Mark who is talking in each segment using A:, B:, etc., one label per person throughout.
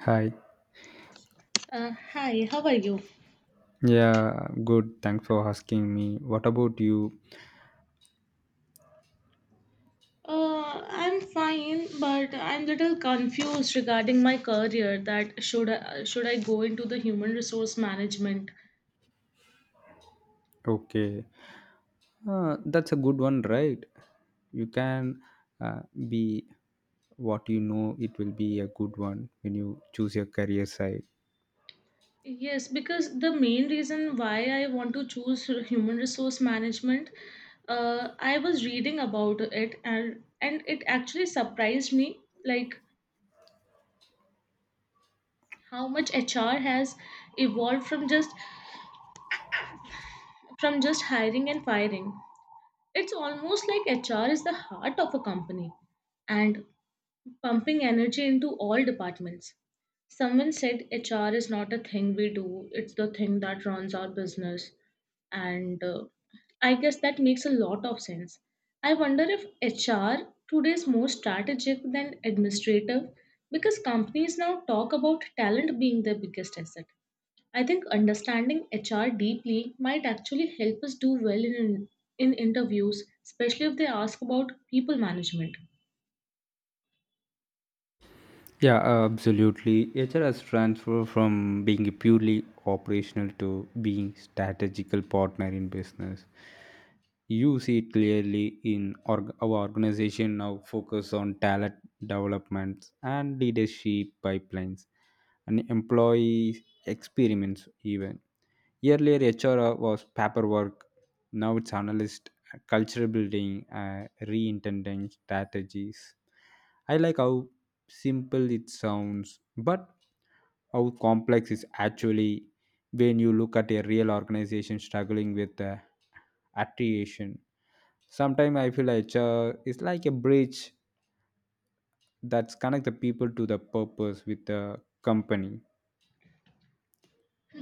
A: Hi.
B: Hi, how are you?
A: Yeah, good. Thanks for asking me. What about you?
B: I'm fine, but I'm little confused regarding my career that should I go into the human resource management?
A: Okay. That's a good one, right? You can uh, be what, it will be a good one when you choose your career side.
B: Yes, because the main reason why I want to choose human resource management, I was reading about it and it actually surprised me, like how much HR has evolved from just hiring and firing. It's almost like HR is the heart of a company and pumping energy into all departments. Someone said HR is not a thing we do, it's the thing that runs our business. And I guess that makes a lot of sense. I wonder if HR today is more strategic than administrative because companies now talk about talent being their biggest asset. I think understanding HR deeply might actually help us do well in interviews, especially if they ask about people management.
A: Yeah, absolutely. HR has transformed from being a purely operational to being strategical partner in business. You see it clearly in our organization now focus on talent development and leadership pipelines and employee experiments even. Earlier, HR was paperwork. Now it's analyst, culture building, re-intending strategies. I like how simple it sounds, but how complex is actually when you look at a real organization struggling with attrition. Sometimes I feel HR is like a bridge that's connect the people to the purpose with the company.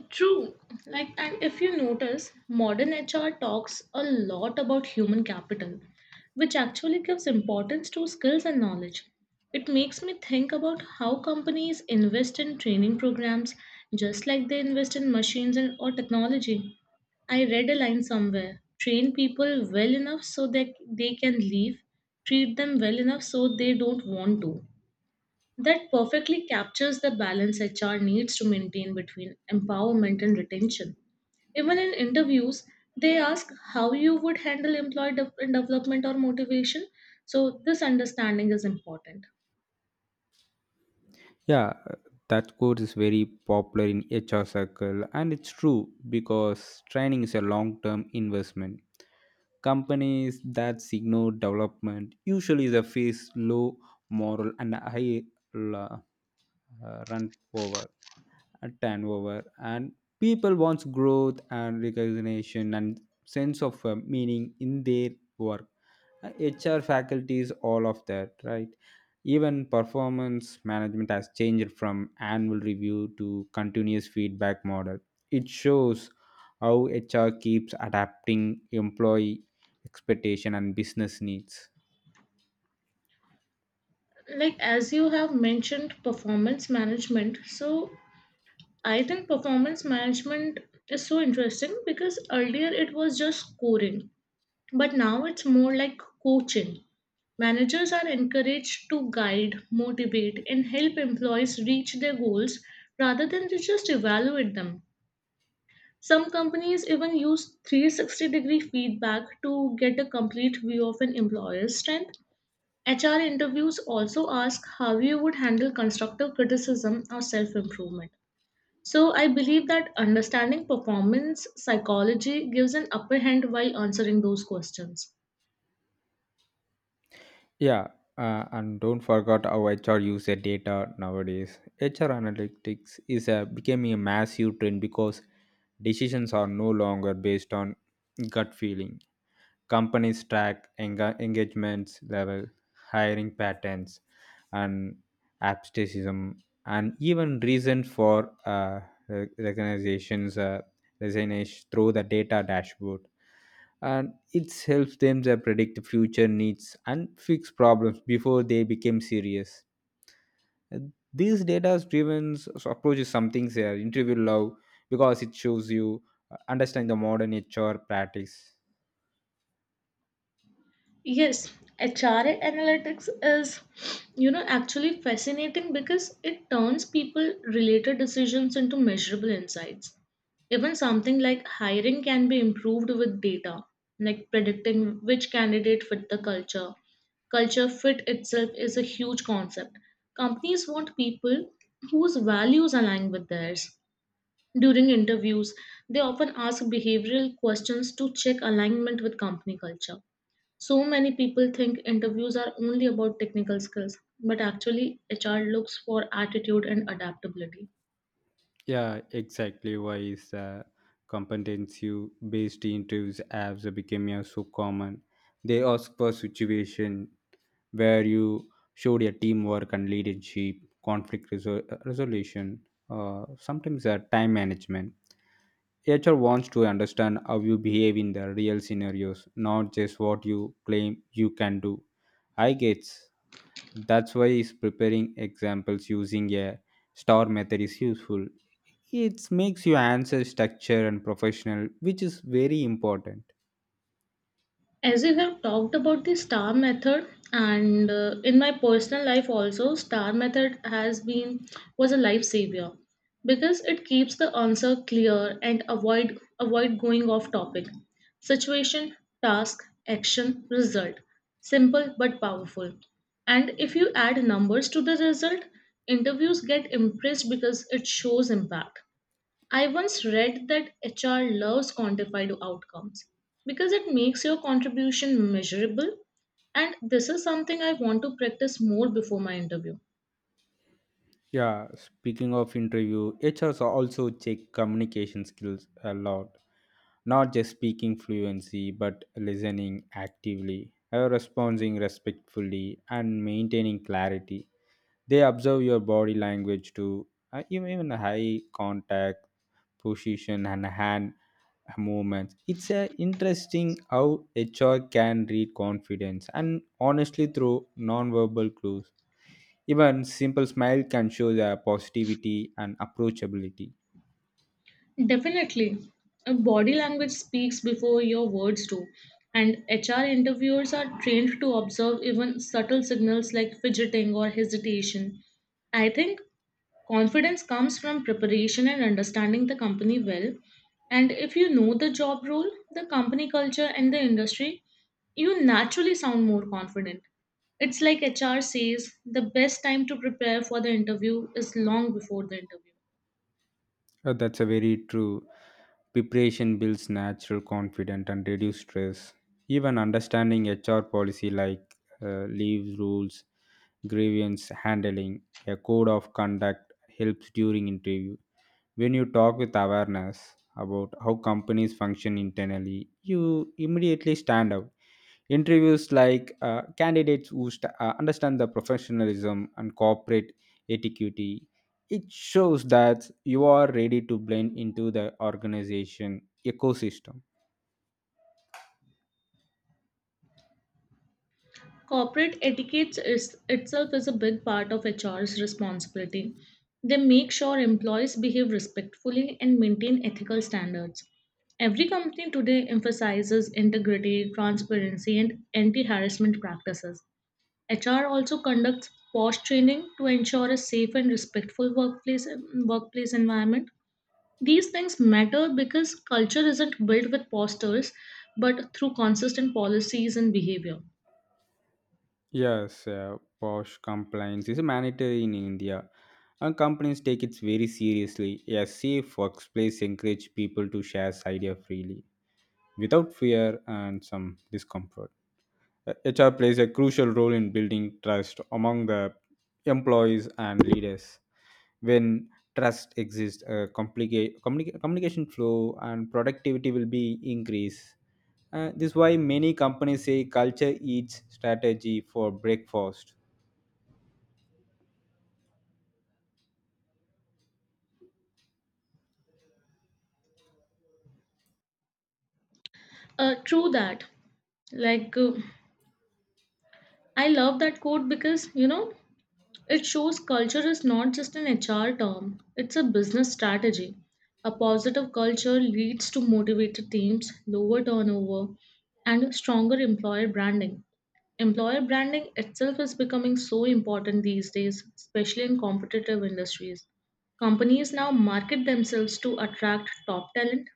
B: True. Like, and if you notice, modern HR talks a lot about human capital, which actually gives importance to skills and knowledge. It makes me think about how companies invest in training programs just like they invest in machines and or technology. I read a line somewhere, train people well enough so that they can leave, treat them well enough so they don't want to. That perfectly captures the balance HR needs to maintain between empowerment and retention. Even in interviews, they ask how you would handle development or motivation. So, this understanding is important.
A: Yeah, that course is very popular in HR circle and it's true because training is a long-term investment. Companies that signal development usually they face low moral and high la- run over and turnover and people wants growth and recognition and sense of meaning in their work HR faculties, all of that, right? Even performance management has changed from annual review to continuous feedback model. It shows how HR keeps adapting employee expectation and business needs.
B: Like, as you have mentioned, performance management. So, I think performance management is so interesting because earlier it was just scoring. But now it's more like coaching. Managers are encouraged to guide, motivate, and help employees reach their goals rather than to just evaluate them. Some companies even use 360-degree feedback to get a complete view of an employer's strength. HR interviews also ask how you would handle constructive criticism or self improvement. So, I believe that understanding performance psychology gives an upper hand while answering those questions.
A: Yeah, and don't forget how HR use their data nowadays. HR analytics is becoming a massive trend because decisions are no longer based on gut feeling companies track engagements level, hiring patterns, and absenteeism, and even reason for recognitions resignation through the data dashboard. And it helps them to predict the future needs and fix problems before they become serious. Uh, These data-driven approach is something their interview love because it shows you understand the modern HR practice.
B: Yes, HRA analytics is, you know, actually fascinating because it turns people related decisions into measurable insights. Even something like hiring can be improved with data, like predicting which candidate fit the culture. Culture fit itself is a huge concept. Companies want people whose values align with theirs. During interviews, they often ask behavioral questions to check alignment with company culture. So many people think interviews are only about technical skills, but actually, HR looks for attitude and adaptability.
A: Yeah, exactly. Why is competency-based interviews apps are becoming so common? They ask for situation where you showed your teamwork and leadership, resolution, sometimes time management. HR wants to understand how you behave in the real scenarios, not just what you claim you can do. I guess that's why is preparing examples using a star method is useful. It makes your answer structure and professional, which is very important.
B: As you have talked about the star method, and in my personal life also, star method has been was a life savior because it keeps the answer clear and avoid going off topic. Situation, task, action, result. Simple but powerful. And if you add numbers to the result, interviews get impressed because it shows impact. I once read that HR loves quantified outcomes because it makes your contribution measurable, and this is something I want to practice more before my interview.
A: Yeah, speaking of interview, HRs also check communication skills a lot, not just speaking fluency but listening actively, responding respectfully and maintaining clarity. They observe your body language too, even high contact position and hand movements. It's a interesting how HR can read confidence and honestly through non-verbal clues. Even simple smile can show the positivity and approachability.
B: Definitely. Body language speaks before your words do, and HR interviewers are trained to observe even subtle signals like fidgeting or hesitation. I think confidence comes from preparation and understanding the company well. And if you know the job role, the company culture, and the industry, you naturally sound more confident. It's like HR says the best time to prepare for the interview is long before the interview.
A: That's a very true. Preparation builds natural confidence and reduces stress. Even understanding HR policy like leave rules, grievance handling, a code of conduct helps during interview. When you talk with awareness about how companies function internally, you immediately stand out. Interviews like candidates who understand the professionalism and corporate etiquette. It shows that you are ready to blend into the organization ecosystem.
B: Corporate etiquette itself is a big part of HR's responsibility. They make sure employees behave respectfully and maintain ethical standards. Every company today emphasizes integrity, transparency, and anti harassment practices. HR also conducts POSH training to ensure a safe and respectful workplace environment. These things matter because culture isn't built with posters but through consistent policies and behavior.
A: Yes, posh compliance is mandatory in india and companies take it very seriously. A safe workplace encourage people to share ideas freely without fear and some discomfort. HR plays a crucial role in building trust among the employees and leaders. When trust exists, communication flow and productivity will be increased. This is why many companies say culture eats strategy for breakfast.
B: True that. Like, I love that quote because, you know, it shows culture is not just an HR term, it's a business strategy. A positive culture leads to motivated teams, lower turnover, and stronger employer branding. Employer branding itself is becoming so important these days, especially in competitive industries. Companies now market themselves to attract top talent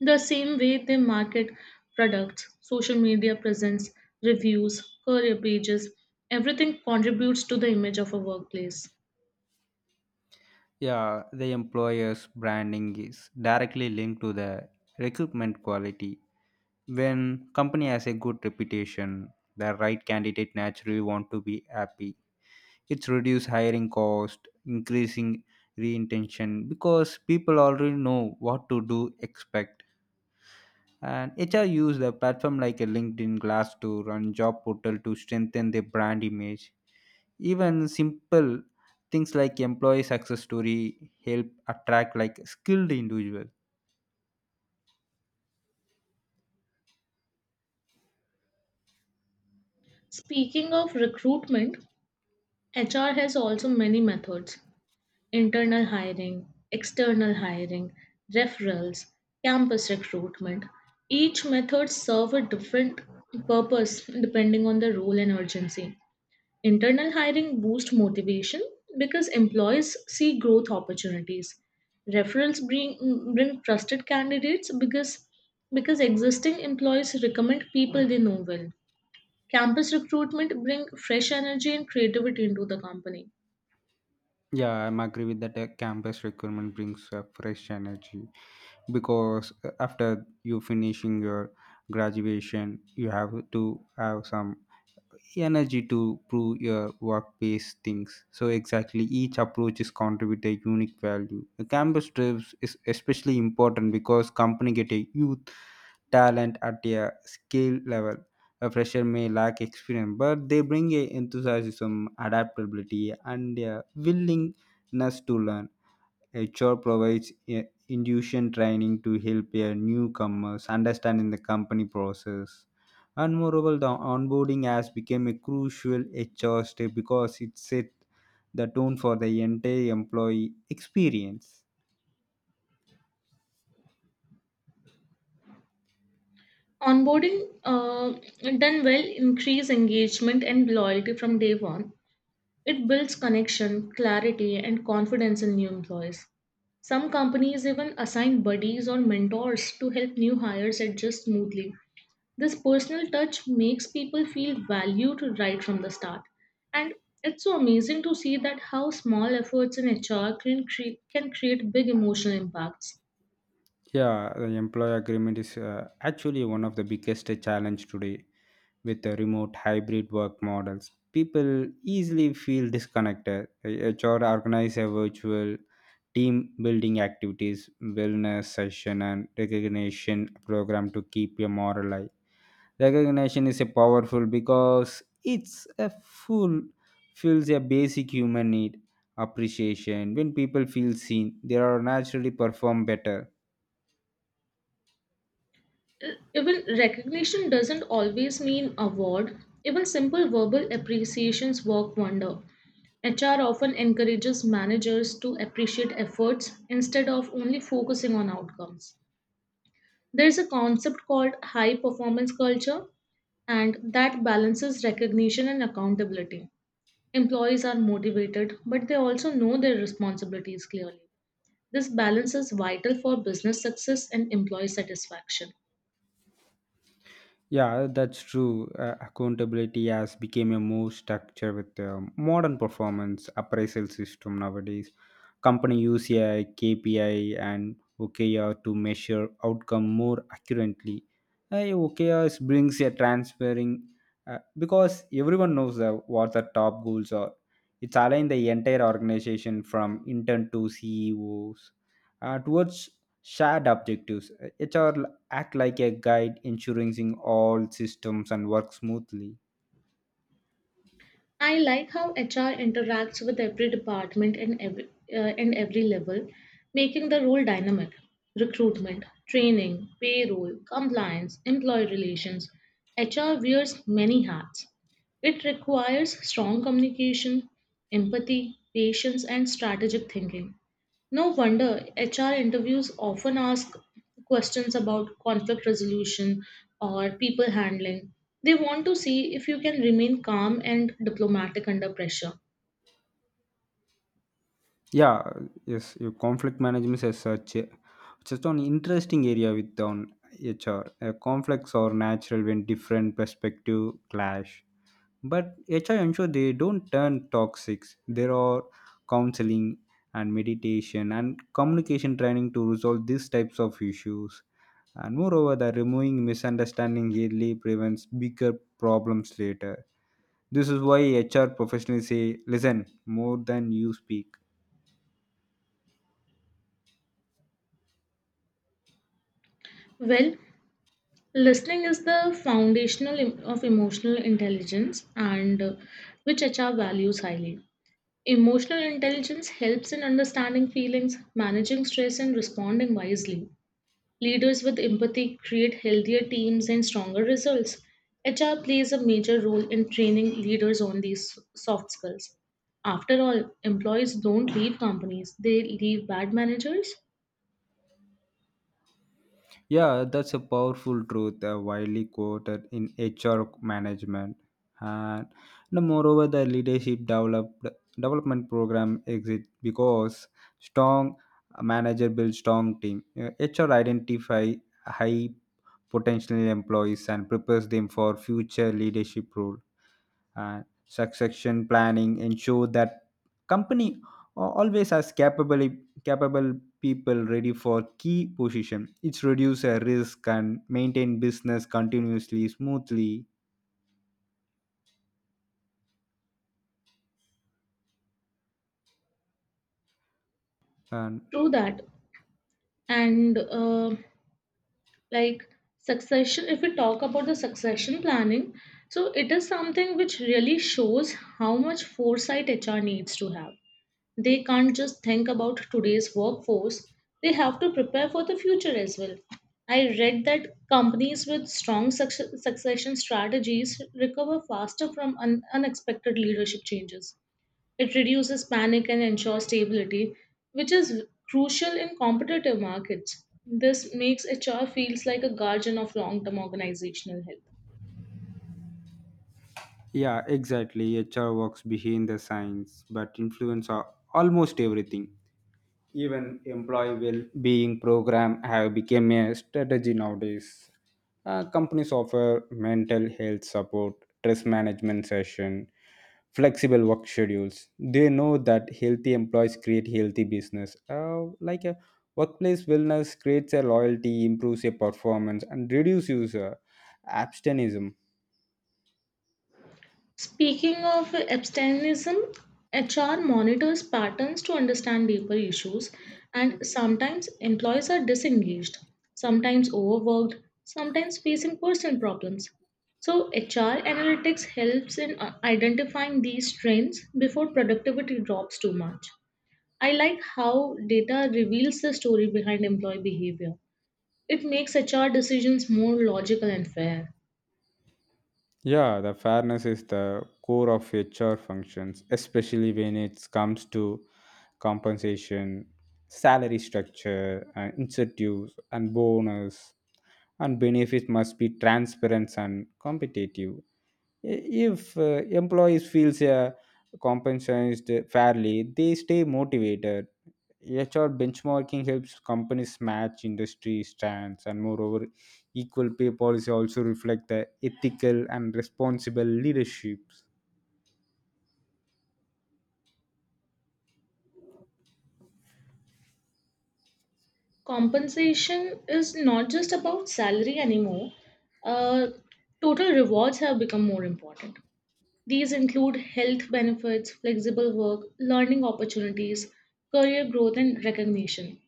B: the same way they market products, social media presence, reviews, career pages, everything contributes to the image of a workplace.
A: Yeah, the employer's branding is directly linked to the recruitment quality. When company has a good reputation, the right candidate naturally want to be happy. It's reduce hiring cost increasing reintention because people already know what to do expect. And HR use the platform like a linkedin glass to run job portal to strengthen their brand image. Even simple things like employee success story help attract like skilled individual.
B: Speaking of recruitment, HR has also many methods: internal hiring, external hiring, referrals, campus recruitment. Each method serve a different purpose depending on the role and urgency. Internal hiring boosts motivation because employees see growth opportunities. Referrals bring trusted candidates because existing employees recommend people they know well. Campus recruitment bring fresh energy and creativity into the company.
A: Yeah, I'm agree with that. Campus recruitment brings a fresh energy because after you finishing your graduation you have to have some energy to prove your workplace things. So exactly, each approach is contribute a unique value. The campus trips is especially important because company get a youth talent at a skill level. A fresher may lack experience, but they bring a enthusiasm, adaptability, and a willingness to learn. HR provides induction training to help a newcomers understanding the company process. And moreover, the onboarding has become a crucial HR step because it set the tone for the entire employee experience.
B: Onboarding done well increase engagement and loyalty from day one. It builds connection, clarity, and confidence in new employees. Some companies even assign buddies or mentors to help new hires adjust smoothly. This personal touch makes people feel valued right from the start. And it's so amazing to see that how small efforts in HR can create big emotional impacts.
A: Yeah, the employee agreement is actually one of the biggest challenge today with the remote hybrid work models. People easily feel disconnected. HR organize a virtual team building activities, wellness session and recognition program to keep your moral high. Recognition is a powerful because it's a full fills a basic human need appreciation. When people feel seen, they are naturally perform better.
B: E- Even recognition doesn't always mean award. Even simple verbal appreciations work wonder. HR often encourages managers to appreciate efforts instead of only focusing on outcomes. There is a concept called high performance culture, and that balances recognition and accountability. Employees are motivated, but they also know their responsibilities clearly. This balance is vital for business success and employee satisfaction.
A: Yeah, that's true. Accountability has become a more structure with the modern performance appraisal system nowadays. Company use a KPI and OKR to measure outcome more accurately. OKR brings a transferring because everyone knows what the top goals are. It's aligned the entire organization from intern to CEOs towards shared objectives. HR act like a guide ensuring all systems and work smoothly.
B: I like how HR interacts with every department and every level, making the role dynamic. Recruitment, training, payroll, compliance, employee relations. HR wears many hats. It requires strong communication, empathy, patience, and strategic thinking. No wonder HR interviews often ask questions about conflict resolution or people handling. They want to see if you can remain calm and diplomatic under pressure.
A: yeah yes, your conflict management is such a just an interesting area with on HR. Conflicts are natural when different perspective clash but HR ensure they don't turn toxic. There are counseling and meditation and communication training to resolve these types of issues. And moreover, the removing misunderstanding early prevents bigger problems later. This is why HR professionals say, listen more than you speak.
B: Well, listening is the foundational em- of emotional intelligence and which HR values highly. Emotional intelligence helps in understanding feelings, managing stress, and responding wisely. Leaders with empathy create healthier teams and stronger results. HR plays a major role in training leaders on these soft skills. After all, employees don't leave companies, they leave bad managers.
A: Yeah, that's a powerful truth, widely quoted in HR management. And the moreover, the development program exists because strong manager builds strong team. HR identify high potential employees and prepares them for future leadership role. And succession planning ensure that company always has capable people ready for key position. It's reduce a risk and maintain business continuously smoothly. And
B: True that. And like succession, if we talk about the succession planning, so it is something which really shows how much foresight HR needs to have. They can't just think about today's workforce, they have to prepare for the future as well. I read that companies with strong succession strategies recover faster from unexpected leadership changes. It reduces panic and ensures stability, which is crucial in competitive markets. This makes HR feels like a guardian of long-term organizational health.
A: yeah Exactly, HR works behind the science but influence are almost everything. Even employee well-being program have become a strategy nowadays. Companies offer mental health support, stress management session, flexible work schedules. They know that healthy employees create healthy business. Like a workplace wellness creates a loyalty, improves a performance, and reduces user abstentionism.
B: Speaking of abstinence, HR monitors patterns to understand deeper issues, and sometimes employees are disengaged, sometimes overworked, sometimes facing personal problems. So, HR analytics helps in identifying these trends before productivity drops too much. I like how data reveals the story behind employee behavior. It makes HR decisions more logical and fair.
A: Yeah, the fairness is the core of HR functions, especially when it comes to compensation, salary structure, and incentives and bonus and benefits must be transparent and competitive. If employees feels compensated fairly, they stay motivated. HR benchmarking helps companies match industry stands, and moreover, equal pay policy also reflect the ethical and responsible leaderships.
B: Compensation is not just about salary anymore. Uh, total rewards have become more important. These include health benefits, flexible work, learning opportunities, career growth, and recognition.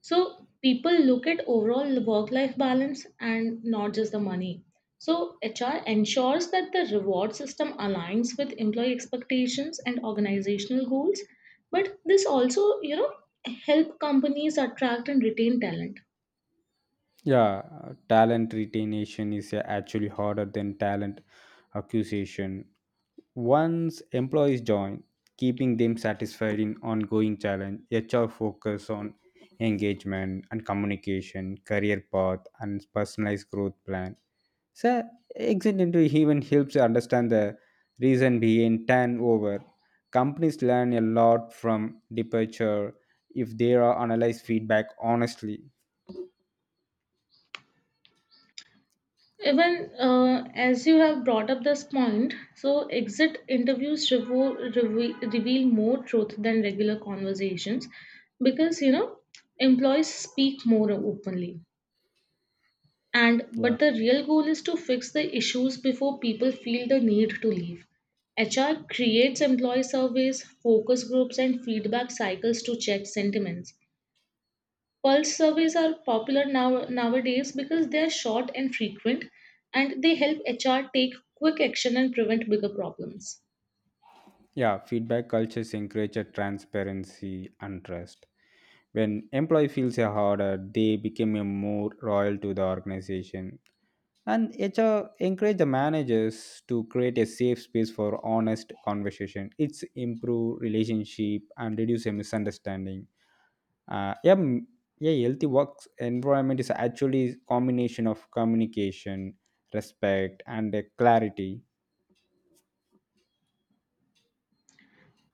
B: So, people look at overall work life balance and not just the money. So, HR ensures that the reward system aligns with employee expectations and organizational goals. But this also, you know, help companies attract and retain talent.
A: Yeah, talent retention is actually harder than talent acquisition. Once employees join, keeping them satisfied in ongoing challenge, HR focus on engagement and communication, career path, and personalized growth plan. So, accidentally even helps you understand the reason behind turnover. Companies learn a lot from departure if they are analyze feedback honestly.
B: Even as you have brought up this point, so exit interviews reveal more truth than regular conversations because you know employees speak more openly. And
A: Yeah.
B: but the real goal is to fix the issues before people feel the need to leave. HR creates employee surveys, focus groups, and feedback cycles to check sentiments. Pulse surveys are popular now nowadays because they are short and frequent, and they help HR take quick action and prevent bigger problems.
A: Yeah, feedback cultures encourage a transparency and trust. When employee feels a harder, they become a more loyal to the organization. And HR encourage the managers to create a safe space for honest conversation. It's improve relationship and reduce a misunderstanding. Uh, yeah, m- yeah healthy work environment is actually combination of communication, respect, and clarity.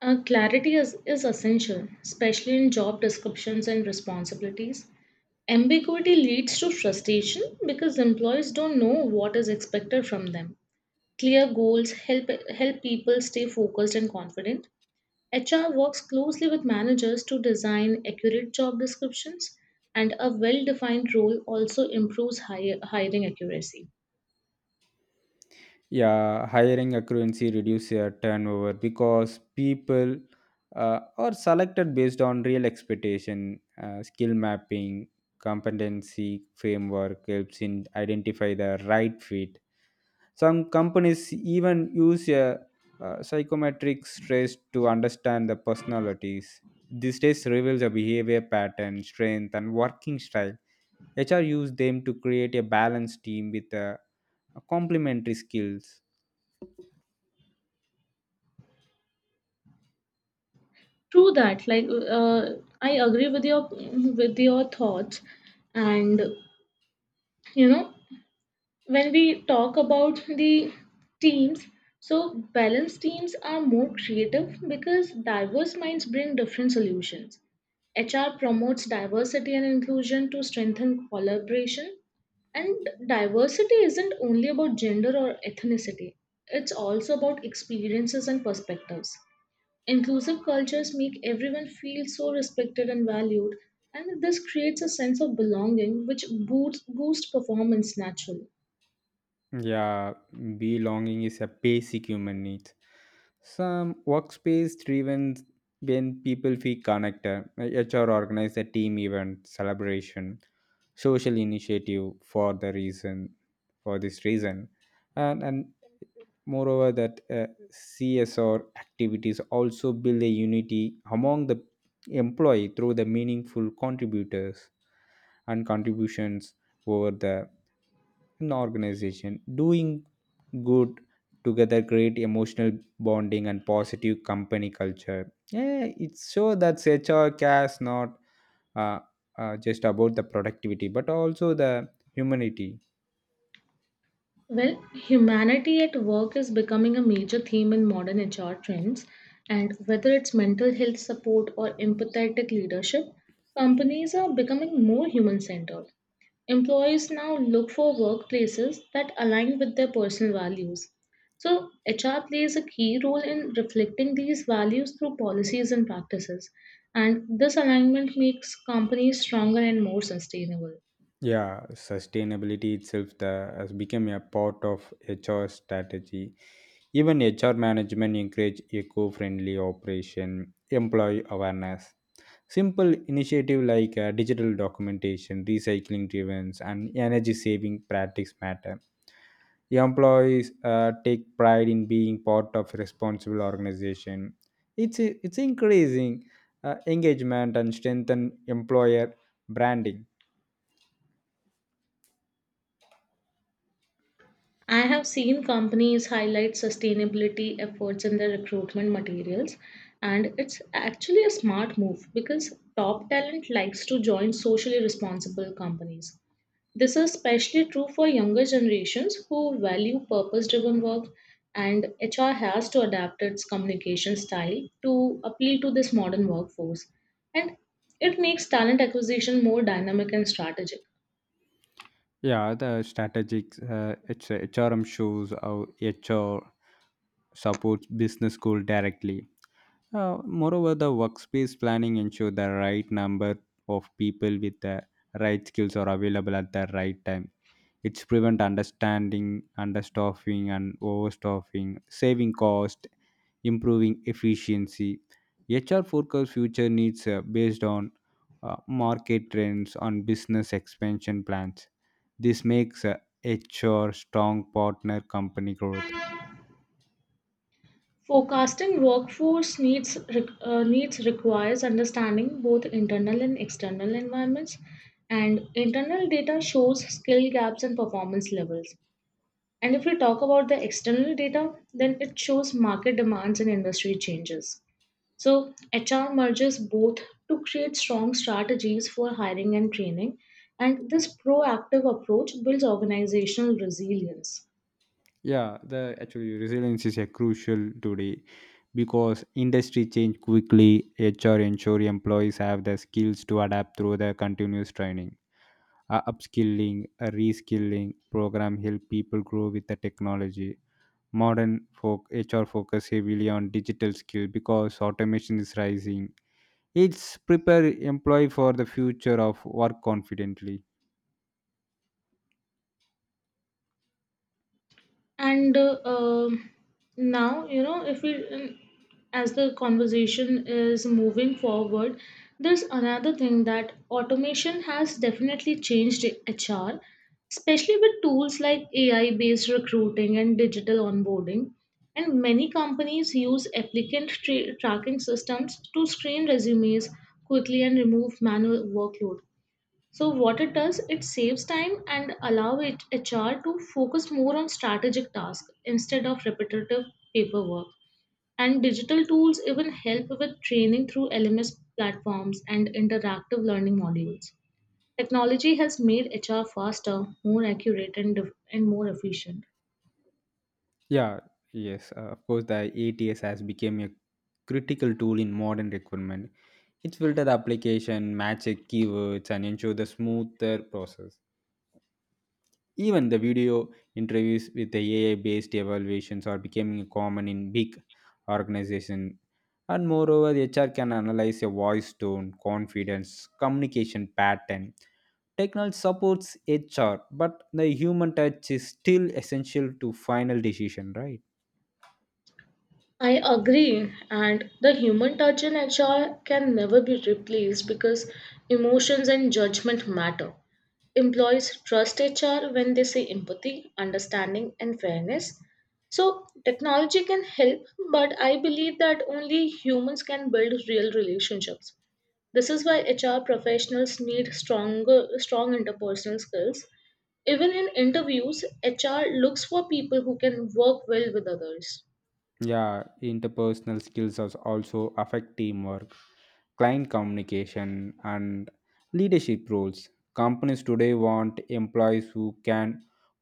B: Clarity is essential, especially in job descriptions and responsibilities. Ambiguity leads to frustration because employees don't know what is expected from them. Clear goals help people stay focused and confident. HR works closely with managers to design accurate job descriptions, and a well defined role also improves hiring accuracy.
A: Yeah, hiring accuracy reduce your turnover because people are selected based on real expectation. Skill mapping competency framework helps in identify the right fit. Some companies even use psychometric stress to understand the personalities. This test reveals a behavior pattern, strength, and working style. HR use them to create a balanced team with complementary skills.
B: True that. Like, I agree with your thoughts, and you know, when we talk about the teams, so balanced teams are more creative because diverse minds bring different solutions. HR promotes diversity and inclusion to strengthen collaboration, and diversity isn't only about gender or ethnicity, it's also about experiences and perspectives. Inclusive cultures make everyone feel so respected and valued, and this creates a sense of belonging which boosts boost performance naturally.
A: Yeah, belonging is a basic human need. Some workspace driven when people feel connected. HR organize a team event, celebration, social initiative for this reason. And and moreover that uh, CSR activities also build a unity among the employee through the meaningful contributors and contributions over the an organization. Doing good together create emotional bonding and positive company culture. Yeah, it's so that HR cares not uh, just about the productivity but also the humanity.
B: Well, humanity at work is becoming a major theme in modern HR trends, and whether it's mental health support or empathetic leadership, companies are becoming more human centered. Employees now look for workplaces that align with their personal values. So, HR plays a key role in reflecting these values through policies and practices, and this alignment makes companies stronger and more sustainable.
A: Yeah, sustainability itself has become a part of HR strategy. Even HR management encourage eco-friendly operation, employee awareness. Simple initiative like digital documentation, recycling drives, and energy saving practice matter. Employees take pride in being part of a responsible organization. It's it's increasing engagement and strengthen employer branding.
B: I have seen companies highlight sustainability efforts in their recruitment materials, and it's actually a smart move because top talent likes to join socially responsible companies. This is especially true for younger generations who value purpose driven work, and HR has to adapt its communication style to appeal to this modern workforce. And it makes talent acquisition more dynamic and strategic.
A: Yeah, the strategic HRM shows how HR supports business goal directly. Moreover, the workspace planning ensure the right number of people with the right skills are available at the right time. It's prevent understanding, understaffing, and overstaffing, saving cost, improving efficiency. HR forecast future needs based on market trends on business expansion plans. This makes HR strong partner company growth.
B: Forecasting workforce needs requires understanding both internal and external environments, and internal data shows skill gaps and performance levels. And if we talk about the external data, then it shows market demands and industry changes. So HR merges both to create strong strategies for hiring and training, and this proactive approach builds organizational resilience.
A: Yeah, the actually resilience is a crucial today because industry change quickly. Hr ensure employees have the skills to adapt through the continuous training. Upskilling a reskilling program help people grow with the technology modern. Folk hr focus heavily on digital skill because automation is rising. It's prepare employee for the future of work confidently.
B: And now you know if we As the conversation is moving forward, there's another thing that automation has definitely changed HR, especially with tools like AI based recruiting and digital onboarding. And many companies use tracking systems to screen resumes quickly and remove manual workload. So what it does, it saves time and HR to focus more on strategic tasks instead of repetitive paperwork. And digital tools even help with training through LMS platforms and interactive learning modules. Technology has made HR faster, more accurate, and more efficient.
A: Yeah, yes, of course, the ATS has become a critical tool in modern recruitment. It's filter the application, matches, it keywords, and ensure the smoother process. Even the video interviews with the AI-based evaluations are becoming common in big organizations. And moreover, the HR can analyze a voice tone, confidence, communication pattern. Technology supports HR, but the human touch is still essential to final decision, right?
B: I agree, and the human touch in HR can never be replaced because emotions and judgment matter. Employees trust HR when they see empathy, understanding, and fairness. So, technology can help, but I believe that only humans can build real relationships. This is why HR professionals need strong interpersonal skills. Even in interviews, HR looks for people who can work well with others.
A: Yeah, interpersonal skills also affect teamwork, client communication, and leadership roles. Companies today want employees who can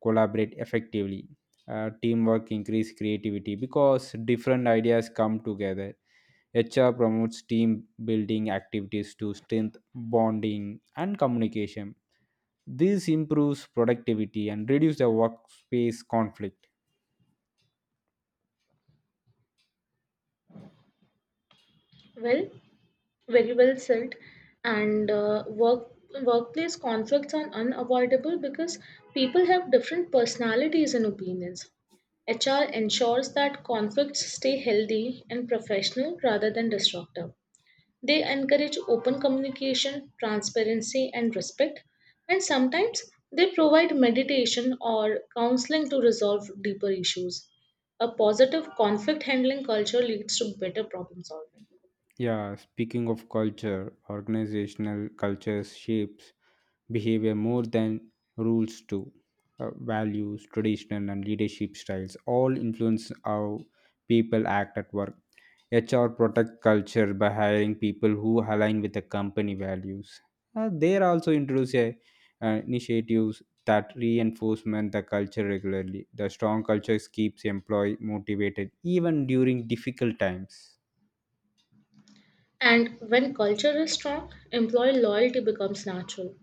A: collaborate effectively. Teamwork increase creativity because different ideas come together. HR promotes team building activities to strengthen bonding and communication. This improves productivity and reduce the workspace conflict.
B: Well, very well said. And work Workplace conflicts are unavoidable because people have different personalities and opinions. HR ensures that conflicts stay healthy and professional rather than destructive. They encourage open communication, transparency, and respect, and sometimes they provide meditation or counseling to resolve deeper issues. A positive conflict handling culture leads to better problem solving.
A: Yeah, speaking of culture, organizational cultures shapes behavior more than rules do. Values, tradition, and leadership styles all influence how people act at work. HR protect culture by hiring people who align with the company values. They also introduce a, initiatives that reinforcement the culture regularly. The strong culture keeps employee motivated even during difficult times.
B: And when culture is strong, employee loyalty becomes natural.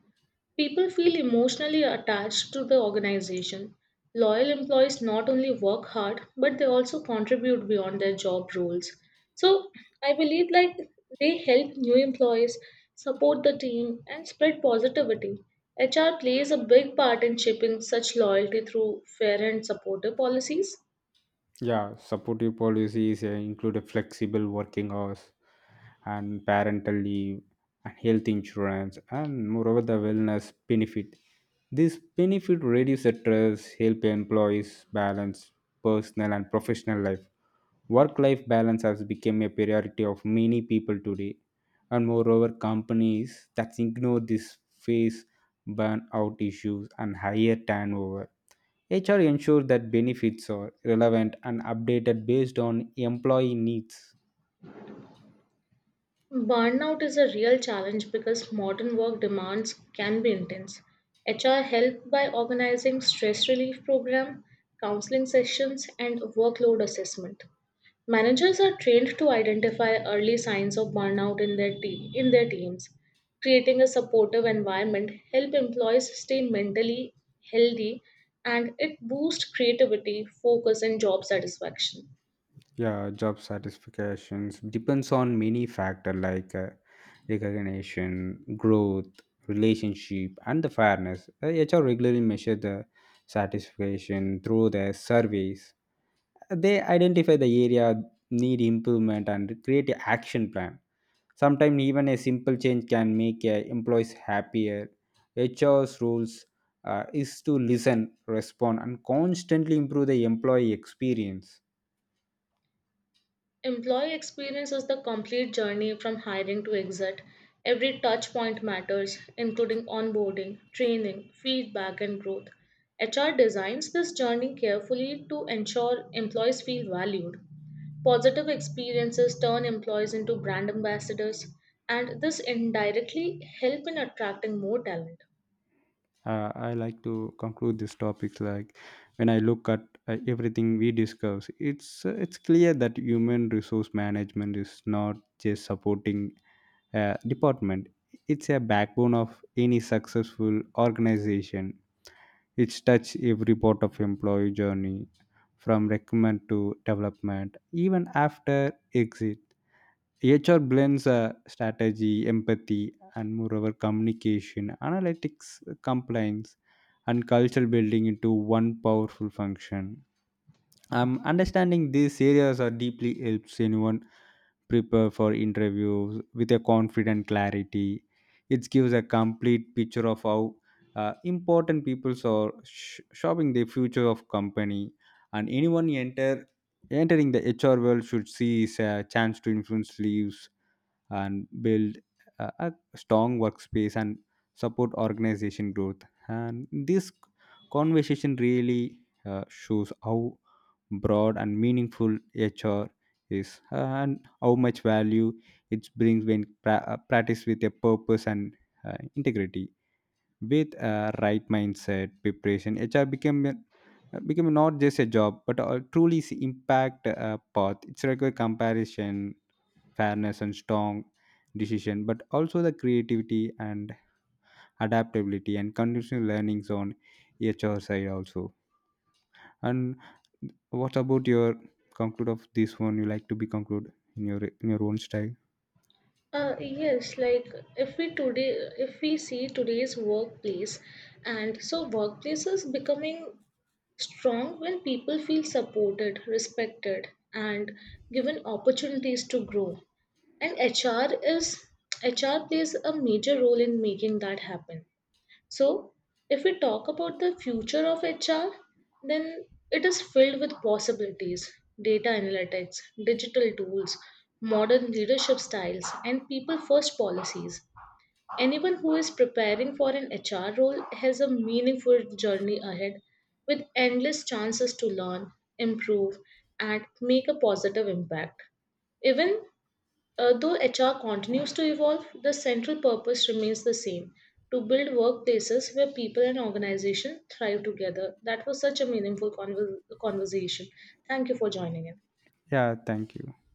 B: People feel emotionally attached to the organization. Loyal employees not only work hard, but they also contribute beyond their job roles. So I believe like they help new employees, support the team, and spread positivity. HR plays a big part in shaping such loyalty through fair and supportive policies.
A: Yeah, supportive policies include a flexible working hours and parental leave and health insurance and moreover the wellness benefit. This benefit reduce stress, help employees balance personal and professional life. Work-life balance has become a priority of many people today. And moreover, companies that ignore this face burnout issues and higher turnover. HR ensure that benefits are relevant and updated based on employee needs.
B: Burnout is a real challenge because modern work demands can be intense. HR help by organizing stress relief program, counseling sessions, and workload assessment. Managers are trained to identify early signs of burnout in their teams. Creating a supportive environment help employees stay mentally healthy, and it boosts creativity, focus, and job satisfaction.
A: Yeah, job satisfactions depends on many factors like recognition, growth, relationship, and the fairness. HR regularly measure the satisfaction through their surveys. They identify the area need improvement and create an action plan. Sometimes even a simple change can make employees happier. HR's rules is to listen, respond, and constantly improve the employee experience.
B: Employee experience is the complete journey from hiring to exit. Every touch point matters, including onboarding, training, feedback, and growth. HR designs this journey carefully to ensure employees feel valued. Positive experiences turn employees into brand ambassadors, and this indirectly help in attracting more talent.
A: I like to conclude this topic like when I look at everything we discuss, it's clear that human resource management is not just supporting a department, it's a backbone of any successful organization. It's touched every part of employee journey from recruitment to development, even after exit. HR blends strategy, empathy, and moreover communication, analytics, compliance, and cultural building into one powerful function. Understanding these areas are deeply helps anyone prepare for interviews with a confident clarity. It gives a complete picture of how important people are shaping the future of company, and anyone entering the hr world should see is a chance to influence lives and build a strong workspace and support organization growth. And this conversation really shows how broad and meaningful HR is and how much value it brings when practiced with a purpose and integrity. With a right mindset, preparation, HR become not just a job but a truly impact path. It's like a comparison fairness and strong decision but also the creativity and adaptability and continuous learnings on hr side also, and what about your conclude of this one? You like to be conclude in your own style?
B: Uh, yes, like if we today if we see today's workplace, and so workplace is becoming strong when people feel supported, respected, and given opportunities to grow. And HR plays a major role in making that happen. So, if we talk about the future of HR, then it is filled with possibilities, data analytics, digital tools, modern leadership styles, and people first policies. Anyone who is preparing for an HR role has a meaningful journey ahead with endless chances to learn, improve, and make a positive impact. Even Though HR continues to evolve, the central purpose remains the same, to build workplaces where people and organizations thrive together. That was such a conversation. Thank you for joining in.
A: Yeah, thank you.